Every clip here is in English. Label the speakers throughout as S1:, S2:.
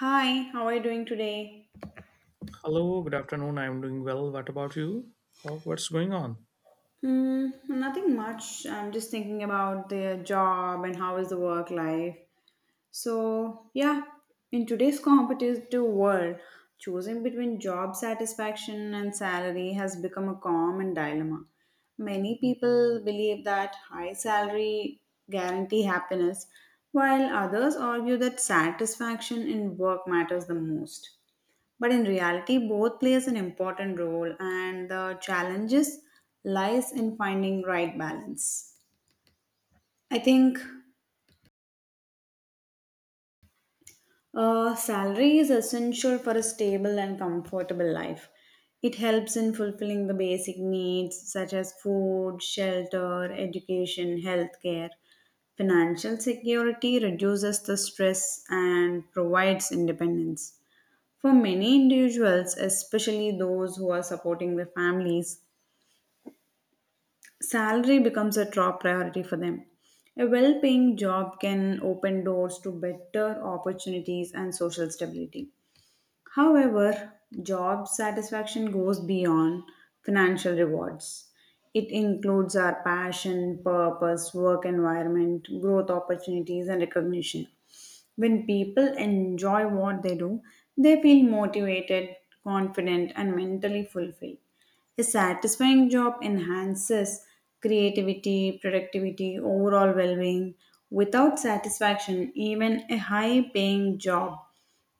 S1: Hi, how are you doing today?
S2: Hello, good afternoon. I'm doing well. What about you? What's going on?
S1: Nothing much. I'm just thinking about the job and how is the work life. So, yeah, in today's competitive world, choosing between job satisfaction and salary has become a common dilemma. Many people believe that high salary guarantee happiness, while others argue that satisfaction in work matters the most. But in reality, both plays an important role, and the challenges lies in finding right balance. I think salary is essential for a stable and comfortable life. It helps in fulfilling the basic needs such as food, shelter, education, healthcare. Financial security reduces the stress and provides independence. For many individuals, especially those who are supporting their families, salary becomes a top priority for them. A well paying job can open doors to better opportunities and social stability. However, job satisfaction goes beyond financial rewards. It includes our passion, purpose, work environment, growth opportunities, and recognition. When people enjoy what they do, they feel motivated, confident, and mentally fulfilled. A satisfying job enhances creativity, productivity, overall well being. Without satisfaction, even a high paying job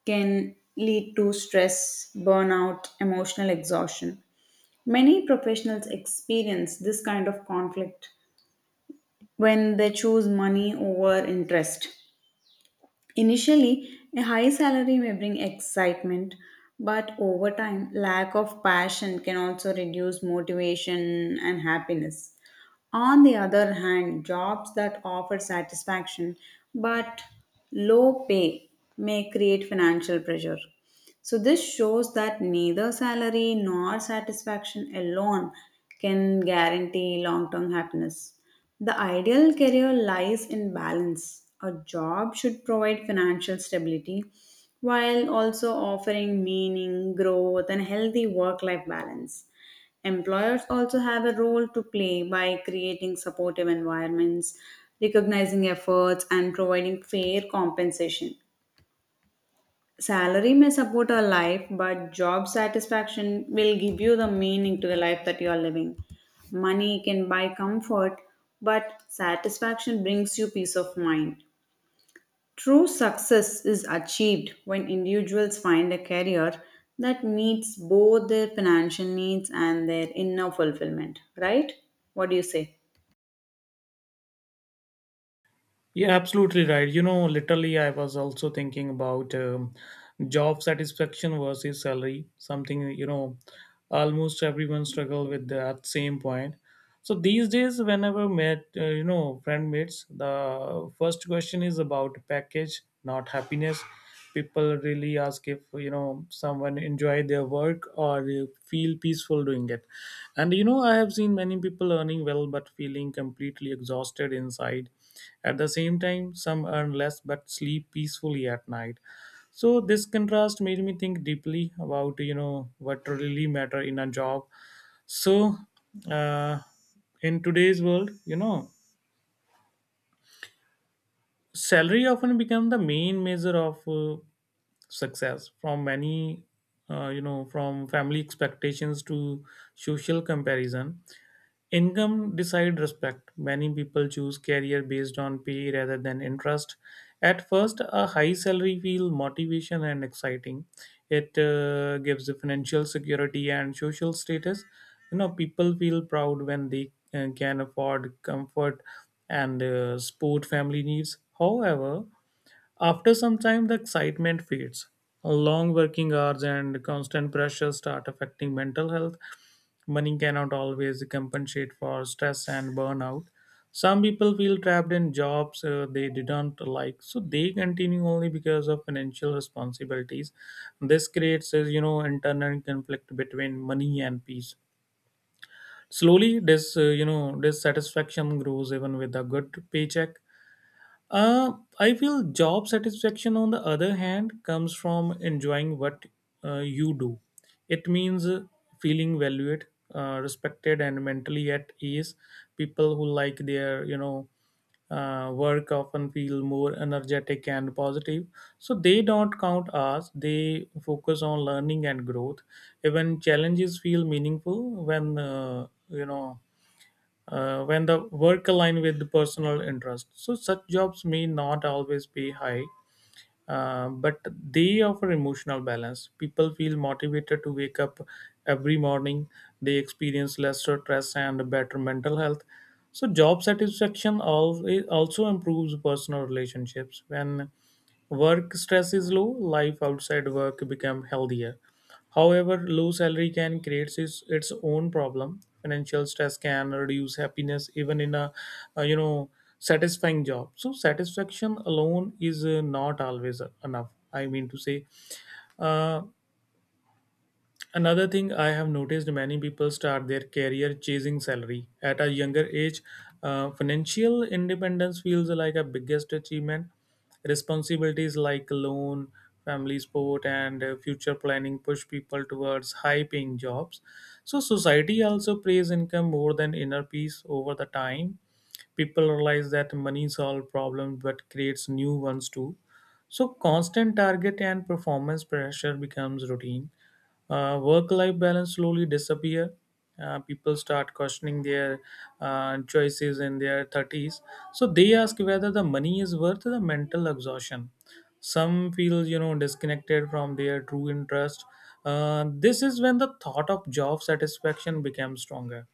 S1: can lead to stress, burnout, emotional exhaustion. Many professionals experience this kind of conflict when they choose money over interest. Initially, a high salary may bring excitement, but over time, lack of passion can also reduce motivation and happiness. On the other hand, jobs that offer satisfaction but low pay may create financial pressure. So, this shows that neither salary nor satisfaction alone can guarantee long term happiness. The ideal career lies in balance. A job should provide financial stability while also offering meaning, growth, and healthy work life balance. Employers also have a role to play by creating supportive environments, recognizing efforts, and providing fair compensation. Salary may support a life, but job satisfaction will give you the meaning to the life that you are living. Money can buy comfort, but satisfaction brings you peace of mind. True success is achieved when individuals find a career that meets both their financial needs and their inner fulfillment, right? What do you say?
S2: Yeah, absolutely right. You know, literally, I was also thinking about job satisfaction versus salary, something, you know, almost everyone struggle with that same point. So these days, whenever met, friend meets, the first question is about package, not happiness. People really ask if you know someone enjoy their work or feel peaceful doing it. And you know, I have seen many people earning well but feeling completely exhausted inside. At the same time, some earn less but sleep peacefully at night. So this contrast made me think deeply about you know what really matter in a job so, uh, in today's world, you know, salary often become the main measure of success from many, from family expectations to social comparison. Income decide respect. Many people choose career based on pay rather than interest. At first, a high salary feel motivation and exciting. It gives financial security and social status. You know, people feel proud when they can afford comfort and support family needs. However, after some time, the excitement fades. Long working hours and constant pressure start affecting mental health. Money cannot always compensate for stress and burnout. Some people feel trapped in jobs they didn't like, so they continue only because of financial responsibilities. This creates, internal conflict between money and peace. Slowly, this dissatisfaction grows even with a good paycheck. uh, I feel job satisfaction, on the other hand, comes from enjoying what you do. It means feeling valued, respected, and mentally at ease. People who like their work often feel more energetic and positive. So they don't count hours, they focus on learning and growth. Even challenges feel meaningful when when the work align with the personal interest. So such jobs may not always pay high, but they offer emotional balance. People feel motivated to wake up every morning. They experience less stress and better mental health. So job it also improves personal relationships. When work stress is low, life outside work become healthier. However, low salary can create its own problem. Financial stress can reduce happiness even in a, uh, you know satisfying job. So satisfaction alone is not always enough. I mean to say, uh, another thing I have noticed many people start their career chasing salary at a younger age. Financial independence feels like a biggest achievement. Responsibilities like loan, family support, and future planning push people towards high paying jobs. So, society also prays income more than inner peace over the time. People realize that money solves problems but creates new ones too, so constant target and performance pressure becomes routine. Work-life balance slowly disappear. People start questioning their choices in their 30s. So they ask whether the money is worth the mental exhaustion. Some feel you know disconnected from their true interest. This is when the thought of job satisfaction becomes stronger.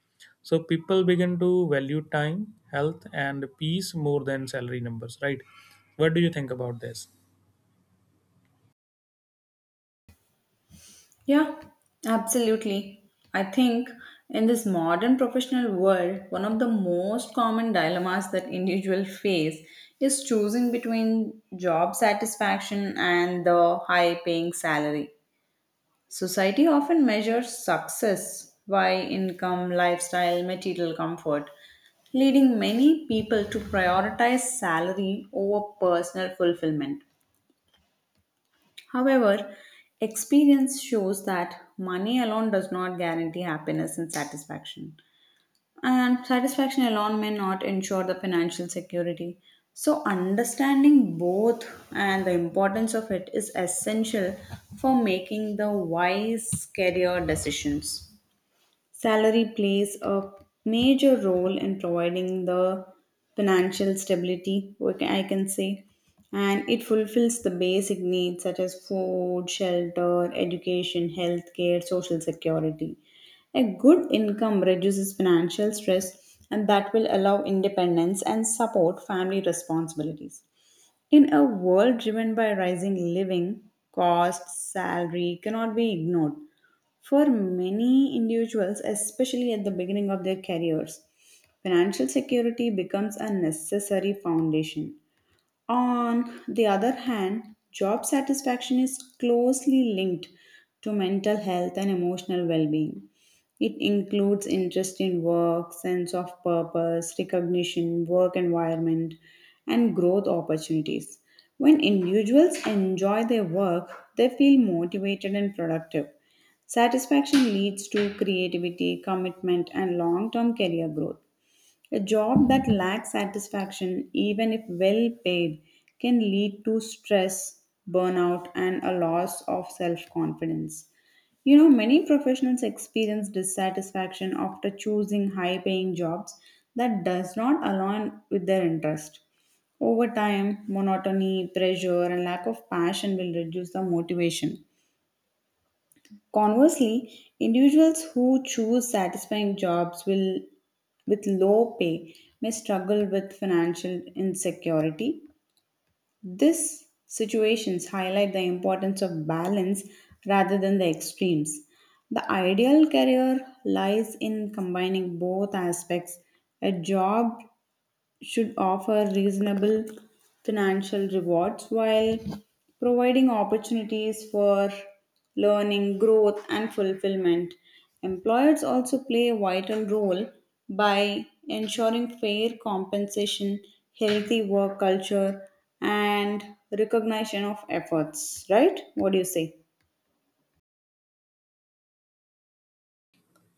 S2: So people begin to value time, health, and peace more than salary numbers, right? What do you think about this?
S1: Yeah, absolutely. I think in this modern professional world, one of the most common dilemmas that individuals face is choosing between job satisfaction and the high paying salary. Society often measures success by income, lifestyle, material comfort, leading many people to prioritize salary over personal fulfillment. However, experience shows that money alone does not guarantee happiness and satisfaction. And satisfaction alone may not ensure the financial security. So, understanding both and the importance of it is essential for making the wise career decisions. Salary plays a major role in providing the financial stability, I can say, and it fulfills the basic needs such as food, shelter, education, healthcare, social security. A good income reduces financial stress and that will allow independence and support family responsibilities. In a world driven by rising living costs, salary cannot be ignored. For many individuals, especially at the beginning of their careers, financial security becomes a necessary foundation. On the other hand, job satisfaction is closely linked to mental health and emotional well being. It includes interest in work, sense of purpose, recognition, work environment, and growth opportunities. When individuals enjoy their work, they feel motivated and productive. Satisfaction leads to creativity, commitment, and long term career growth. A job that lacks satisfaction, even if well paid, can lead to stress, burnout, and a loss of self confidence. Many professionals experience dissatisfaction after choosing high paying jobs that does not align with their interest. Over time, monotony, pressure, and lack of passion will reduce the motivation. Conversely, individuals who choose satisfying jobs will, with low pay may struggle with financial insecurity. These situations highlight the importance of balance rather than the extremes. The ideal career lies in combining both aspects. A job should offer reasonable financial rewards while providing opportunities for learning, growth, and fulfillment. Employers also play a vital role by ensuring fair compensation, healthy work culture, and recognition of efforts. Right? What do you say?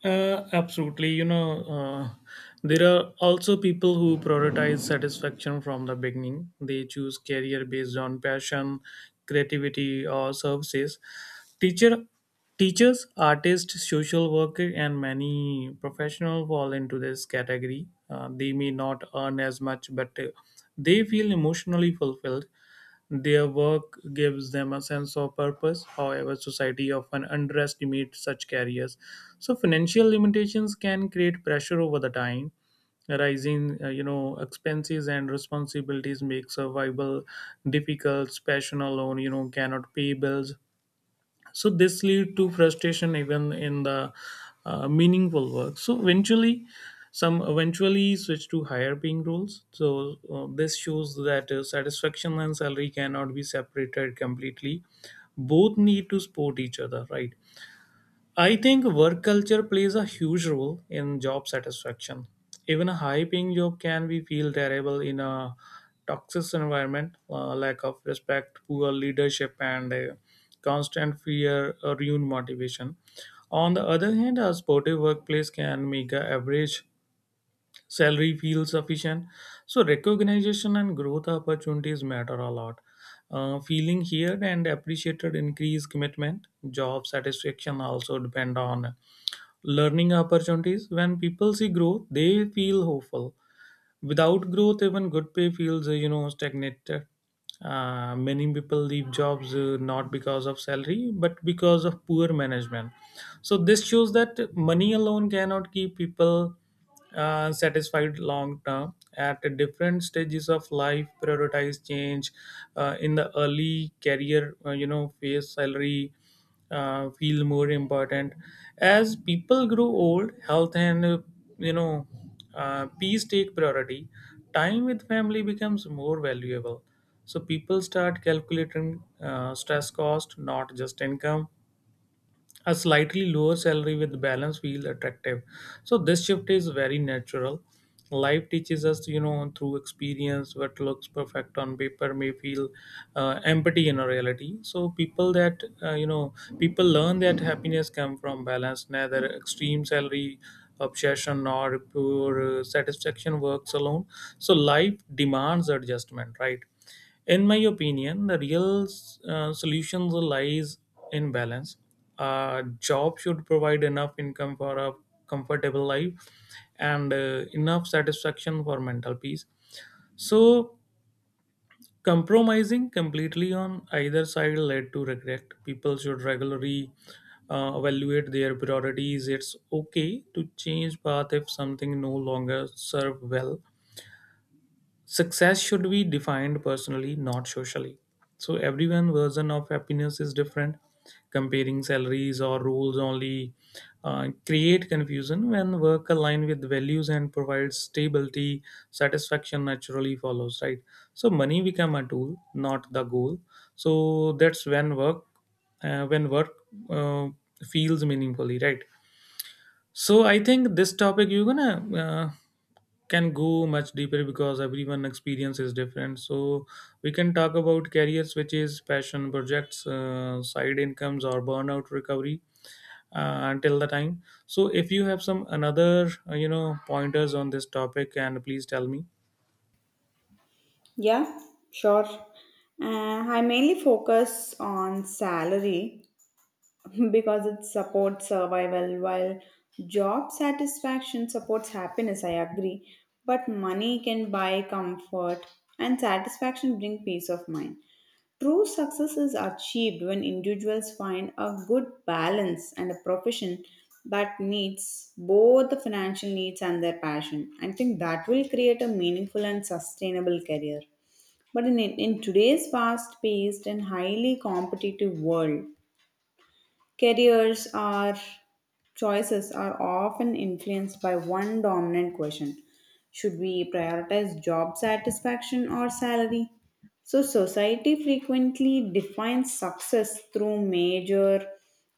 S2: Absolutely. There are also people who prioritize satisfaction from the beginning. They choose career based on passion, creativity, or services. Teacher, Teachers, artists, social worker, and many professionals fall into this category. They may not earn as much, but they feel emotionally fulfilled. Their work gives them a sense of purpose. However, society often underestimates such careers. So financial limitations can create pressure over the time. Rising, expenses and responsibilities make survival difficult. Passion alone, you know, cannot pay bills, so this lead to frustration even in the meaningful work. So eventually, some eventually switch to higher paying roles. So this shows that satisfaction and salary cannot be separated completely, both need to support each other, right? I think work culture plays a huge role in job satisfaction. Even a high paying job can be feel terrible in a toxic environment, lack of respect, poor leadership, and constant fear ruin motivation. On the other hand, a supportive workplace can make a average salary feel sufficient. So recognition and growth opportunities matter a lot. Feeling heard and appreciated increase commitment. Job satisfaction also depend on learning opportunities. When people see growth, they feel hopeful. Without growth, even good pay feels stagnated. Many people leave jobs not because of salary, but because of poor management. So this shows that money alone cannot keep people satisfied long term. At different stages of life, prioritize change. In the early career, face salary feel more important. As people grow old, health and you know peace take priority. Time with family becomes more valuable, so people start calculating stress cost, not just income. A slightly lower salary with balance feels attractive. So this shift is very natural. Life teaches us, you know, through experience, what looks perfect on paper may feel empty in a reality. So people learn that happiness comes from balance, neither extreme salary obsession nor pure satisfaction works alone. So life demands adjustment, right? In my opinion, the real solution lies in balance. A job should provide enough income for a comfortable life and enough satisfaction for mental peace. So, compromising completely on either side led to regret. People should regularly evaluate their priorities. It's okay to change path if something no longer serve well. Success should be defined personally, not socially. So everyone version of happiness is different. Comparing salaries or rules only create confusion. When work align with values and provides stability, satisfaction naturally follows, right? So money become a tool, not the goal. So that's when work uh, feels meaningfully, right? So I think this topic you're gonna can go much deeper because everyone experience is different. So we can talk about career switches, passion projects, side incomes, or burnout recovery until the time. So if you have some another pointers on this topic, and please tell me.
S1: Yeah, sure. I mainly focus on salary because it supports survival while job satisfaction supports happiness, I agree, but money can buy comfort and satisfaction bring peace of mind. True success is achieved when individuals find a good balance and a profession that meets both the financial needs and their passion. I think that will create a meaningful and sustainable career. But in today's fast paced and highly competitive world, Careers are choices are often influenced by one dominant question. Should we prioritize job satisfaction or salary? So society frequently defines success through major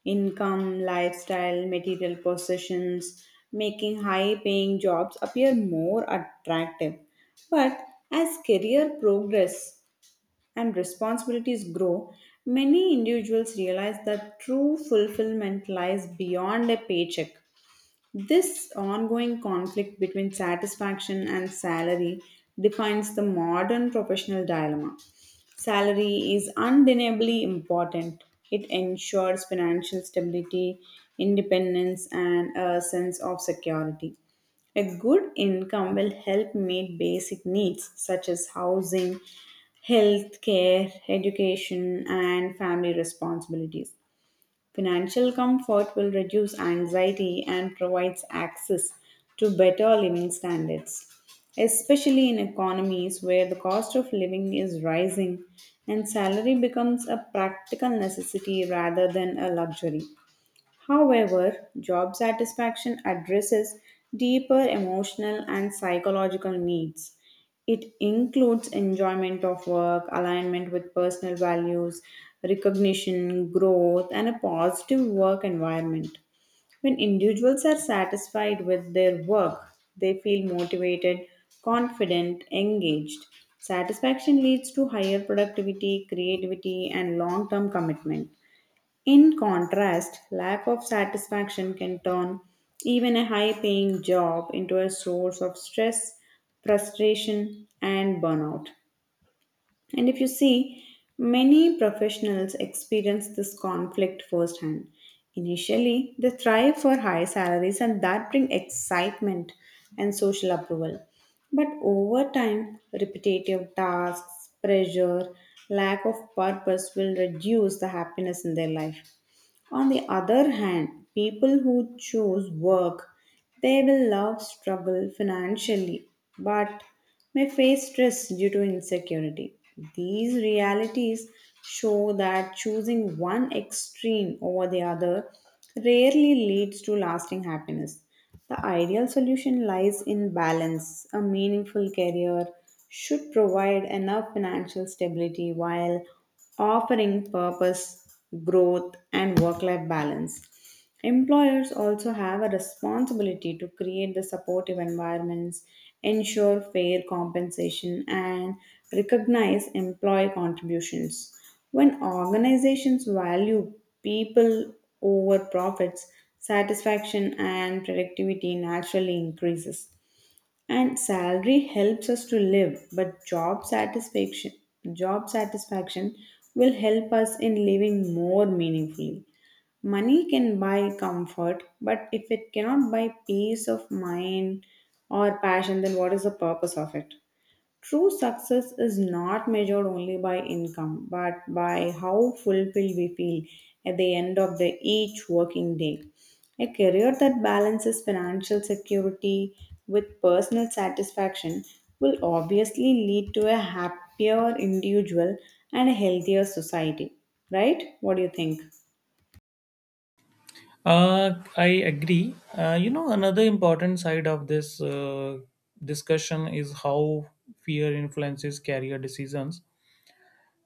S1: income, lifestyle, material possessions, making high paying jobs appear more attractive. But as career progress and responsibilities grow, many individuals realize that true fulfillment lies beyond a paycheck. This ongoing conflict between satisfaction and salary defines the modern professional dilemma. Salary is undeniably important. It ensures financial stability, independence, and a sense of security. A good income will help meet basic needs such as housing, health care, education, and family responsibilities. Financial comfort will reduce anxiety and provides access to better living standards, especially in economies where the cost of living is rising and salary becomes a practical necessity rather than a luxury. However, job satisfaction addresses deeper emotional and psychological needs. It includes enjoyment of work, alignment with personal values, recognition, growth, and a positive work environment. When individuals are satisfied with their work, they feel motivated, confident, engaged. Satisfaction leads to higher productivity, creativity, and long term commitment. In contrast, lack of satisfaction can turn even a high paying job into a source of stress, frustration, and burnout. And if you see, many professionals experience this conflict firsthand. Initially, they thrive for high salaries and that bring excitement and social approval. But over time, repetitive tasks, pressure, lack of purpose will reduce the happiness in their life. On the other hand, people who choose work, they will love struggle financially but may face stress due to insecurity. These realities show that choosing one extreme over the other rarely leads to lasting happiness. The ideal solution lies in balance. A meaningful career should provide enough financial stability while offering purpose, growth, and work life balance. Employers also have a responsibility to create the supportive environments, ensure fair compensation, and recognize employee contributions. When organizations value people over profits, satisfaction and productivity naturally increases. And salary helps us to live, but job satisfaction will help us in living more meaningfully. Money can buy comfort, but if it cannot buy peace of mind or passion, then what is the purpose of it? True success is not measured only by income, but by how fulfilled we feel at the end of the each working day. A career that balances financial security with personal satisfaction will obviously lead to a happier individual and a healthier society. Right? What do you think?
S2: Uh, I agree. Another important side of this discussion is how fear influences career decisions.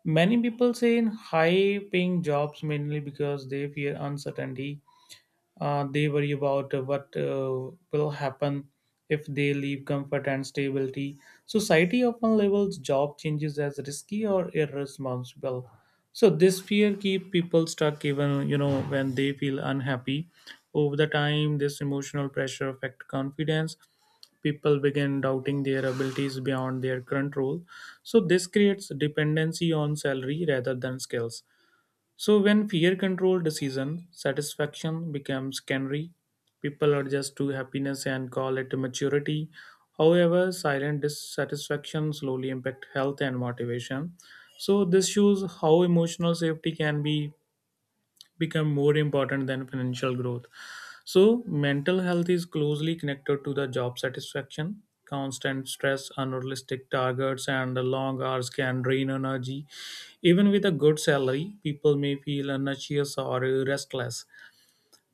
S2: Many people say in high paying jobs mainly because they fear uncertainty. They worry about what will happen if they leave comfort and stability. Society often labels job changes as risky or irresponsible. So this fear keeps people stuck even you know when they feel unhappy. Over the time, this emotional pressure affects confidence. People begin doubting their abilities beyond their control. So this creates dependency on salary rather than skills. So when fear control decision, satisfaction becomes canary. People adjust to happiness and call it maturity. However, silent dissatisfaction slowly impact health and motivation. So this shows how emotional safety can be become more important than financial growth. So, mental health is closely connected to the job satisfaction. Constant stress, unrealistic targets, and the long hours can drain energy. Even with a good salary, people may feel anxious or restless.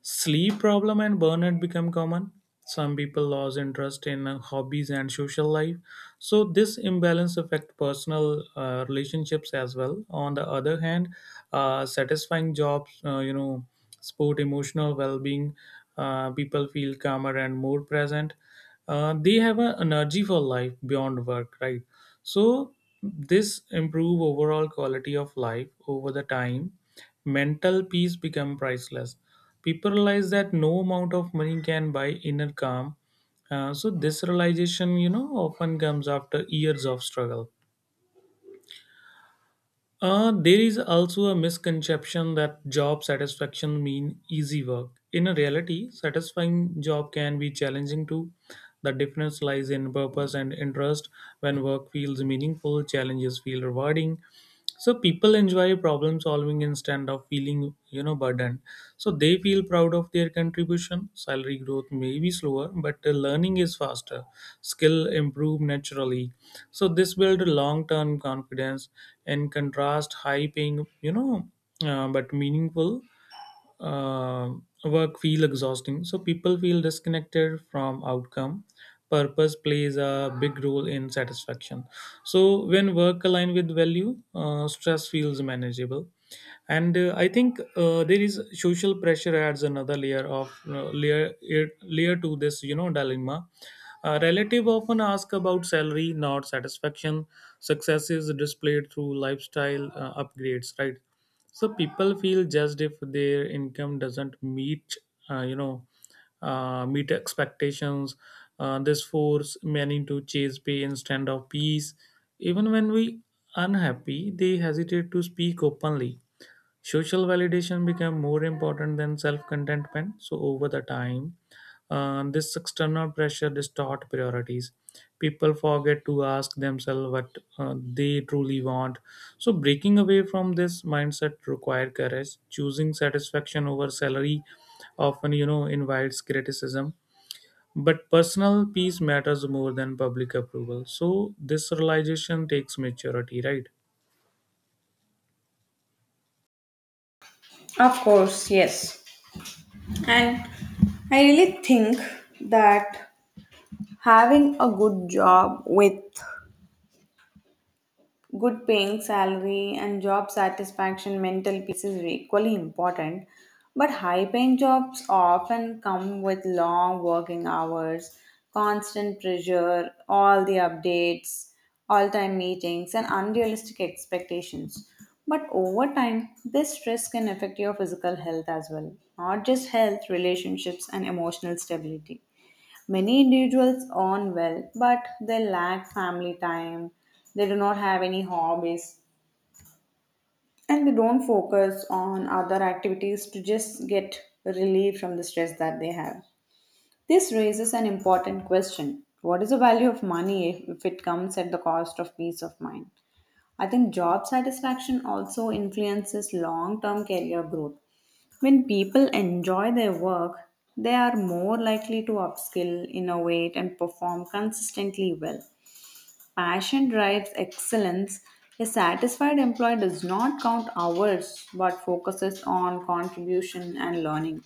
S2: Sleep problem and burnout become common. Some people lose interest in hobbies and social life. So this imbalance affect personal relationships as well. On the other hand, satisfying jobs, sport emotional well-being. People feel calmer and more present. They have an energy for life beyond work, right? So this improve overall quality of life over the time. Mental peace become priceless. People realize that no amount of money can buy inner calm. So this realization you know often comes after years of struggle. There is also a misconception that job satisfaction mean easy work. In reality, satisfying job can be challenging too. The difference lies in purpose and interest. When work feels meaningful, challenges feel rewarding. So people enjoy problem solving instead of feeling you know burdened. So they feel proud of their contribution. Salary growth may be slower, but the learning is faster. Skill improve naturally. So this build long term confidence. In contrast, high paying you know but meaningful work feel exhausting, so people feel disconnected from outcome. Purpose plays a big role in satisfaction. So when work align with value, stress feels manageable. And I think there is social pressure adds another layer of layer to this you know dilemma. A relative often ask about salary, not satisfaction. Success is displayed through lifestyle upgrades, right? So people feel judged if their income doesn't meet uh, you know meet expectations. This force many to chase pay instead of peace. Even when we unhappy, they hesitate to speak openly. Social validation became more important than self contentment. So, over the time, this external pressure distorts priorities. People forget to ask themselves what they truly want. So, breaking away from this mindset requires courage. Choosing satisfaction over salary often, you know, invites criticism. But personal peace matters more than public approval. So, this realization takes maturity, right?
S1: Of course, yes. And I really think that having a good job with good paying salary and job satisfaction, mental peace is equally important. But high paying jobs often come with long working hours, constant pressure, all the updates, all time meetings, and unrealistic expectations. But over time, this stress can affect your physical health as well, not just health, relationships, and emotional stability. Many individuals earn well, but they lack family time, they do not have any hobbies, and they don't focus on other activities to just get relief from the stress that they have. This raises an important question: what is the value of money if it comes at the cost of peace of mind? I think job satisfaction also influences long term career growth. When people enjoy their work, they are more likely to upskill, innovate, and perform consistently well. Passion drives excellence. A satisfied employee does not count hours but focuses on contribution and learning.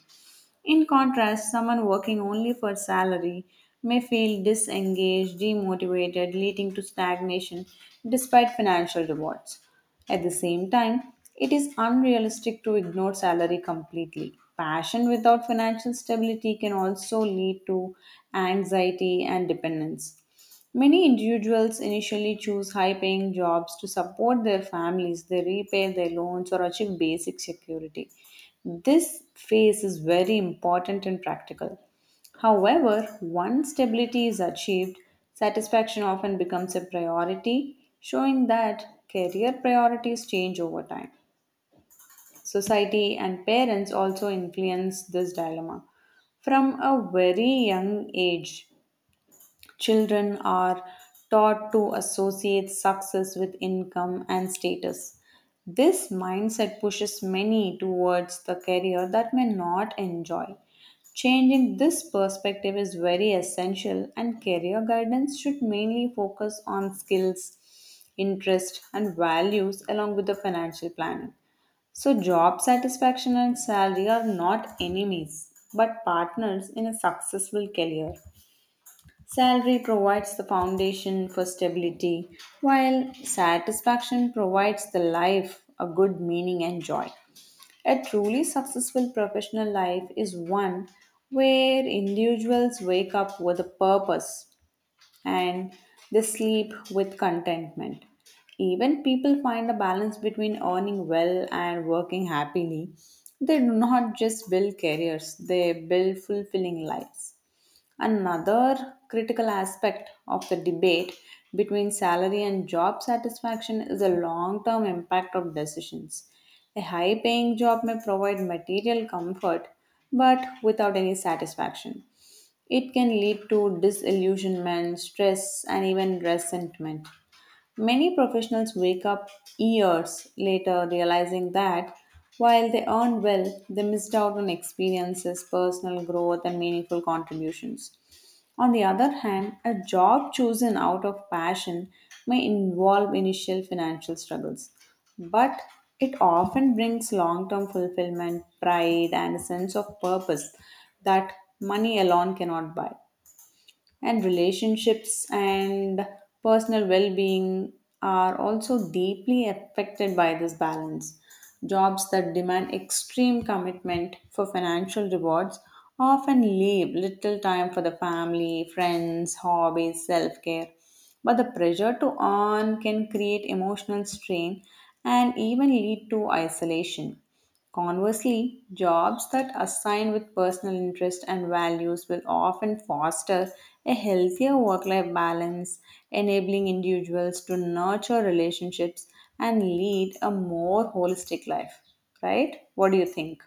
S1: In contrast, someone working only for salary may feel disengaged, demotivated, leading to stagnation despite financial rewards. At the same time, it is unrealistic to ignore salary completely. Passion without financial stability can also lead to anxiety and dependence. Many individuals initially choose high paying jobs to support their families, they repay their loans, or achieve basic security. This phase is very important and practical. However, once stability is achieved, satisfaction often becomes a priority, showing that career priorities change over time. Society and parents also influence this dilemma. From a very young age, children are taught to associate success with income and status. This mindset pushes many towards the career that may not enjoy. Changing this perspective is very essential, and career guidance should mainly focus on skills, interest, and values along with the financial planning. So, job satisfaction and salary are not enemies but partners in a successful career. Salary provides the foundation for stability, while satisfaction provides the life a good meaning and joy. A truly successful professional life is one where individuals wake up with a purpose and they sleep with contentment. Even people find a balance between earning well and working happily. They do not just build careers, they build fulfilling lives. Another critical aspect of the debate between salary and job satisfaction is the long term impact of decisions. A high paying job may provide material comfort but without any satisfaction. It can lead to disillusionment, stress, and even resentment. Many professionals wake up years later realizing that while they earned well, they missed out on experiences, personal growth, and meaningful contributions. On the other hand, a job chosen out of passion may involve initial financial struggles, but it often brings long term fulfillment, pride, and a sense of purpose that money alone cannot buy. And relationships and personal well-being are also deeply affected by this balance. Jobs that demand extreme commitment for financial rewards often leave little time for the family, friends, hobbies, self-care, but the pressure to earn can create emotional strain and even lead to isolation. Conversely, jobs that assign with personal interest and values will often foster a healthier work life balance, enabling individuals to nurture relationships and lead a more holistic life. Right? What do you think?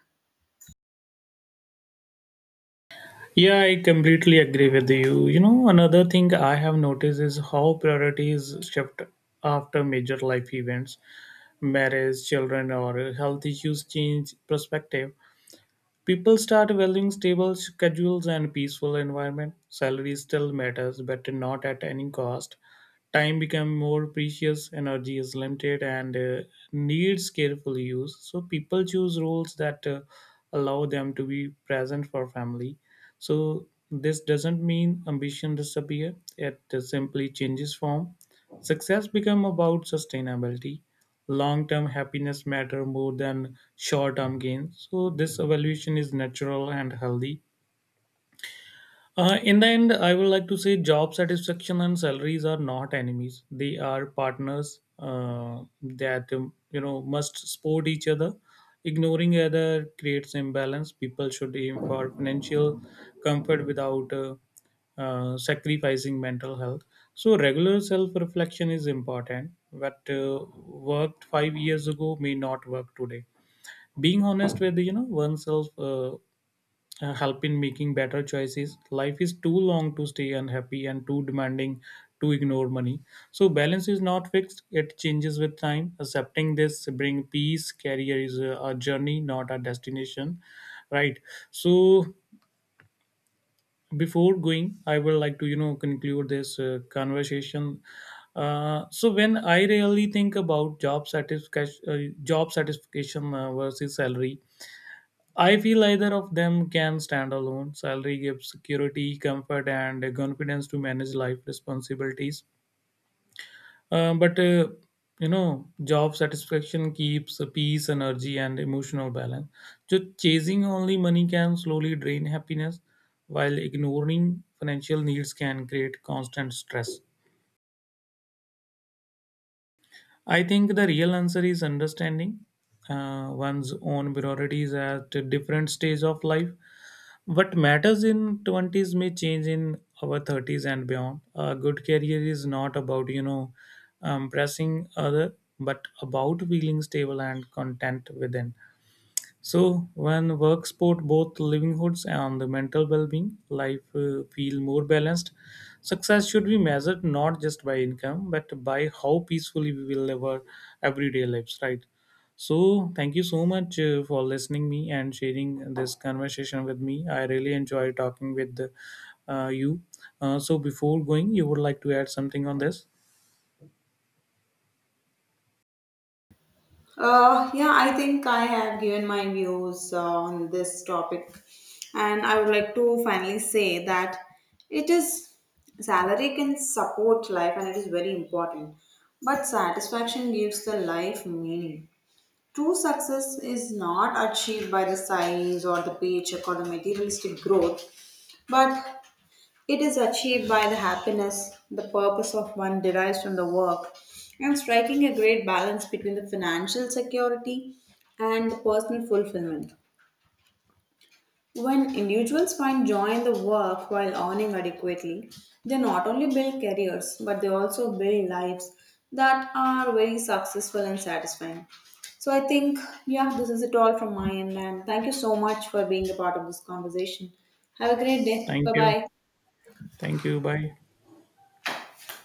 S2: Yeah, I completely agree with you. You know, another thing I have noticed is how priorities shift after major life events. Marriage, children, or health issues change perspective. People start valuing stable schedules and peaceful environment. Salary still matters, but not at any cost. Time becomes more precious, energy is limited, and needs careful use. So people choose roles that allow them to be present for family. So this doesn't mean ambition disappear. It simply changes form. Success become about sustainability. Long-term happiness matter more than short-term gains. So this evaluation is natural and healthy. In the end, I would like to say job satisfaction and salaries are not enemies. They are partners that must support each other. Ignoring other creates imbalance. People should aim for financial comfort without sacrificing mental health. So regular self-reflection is important. What worked 5 years ago may not work today. Being honest with you know oneself help in making better choices. Life is too long to stay unhappy and too demanding to ignore money. So balance is not fixed; it changes with time. Accepting this bring peace. Career is a journey, not a destination, right? So before going, I would like to you know conclude this conversation. So when I really think about job satisfaction versus salary, I feel either of them can stand alone. Salary gives security, comfort, and confidence to manage life responsibilities. Uh, but uh, Job satisfaction keeps peace, energy, and emotional balance. So chasing only money can slowly drain happiness, while ignoring financial needs can create constant stress. I think the real answer is understanding one's own priorities at a different stage of life. What matters in 20s may change in our 30s and beyond. A good career is not about, you know, pressing other, but about feeling stable and content within. So, when work support both livelihoods and the mental well-being, life feel more balanced. Success should be measured not just by income, but by how peacefully we will live our everyday lives, right? So, thank you so much for listening me and sharing this conversation with me. I really enjoy talking with you. So, before going, you would like to add something on this?
S1: Yeah, I think I have given my views on this topic, and I would like to finally say that it is salary can support life and it is very important, but satisfaction gives the life meaning. True success is not achieved by the size or the paycheck or the materialistic growth, but it is achieved by the happiness the purpose of one derives from the work and striking a great balance between the financial security and the personal fulfillment. When individuals find joy in the work while earning adequately, they not only build careers but they also build lives that are very successful and satisfying. So I think, yeah, this is it all from my end. And thank you so much for being a part of this conversation. Have a great day.
S2: Thank
S1: Bye
S2: you.
S1: bye.
S2: Thank you. Bye.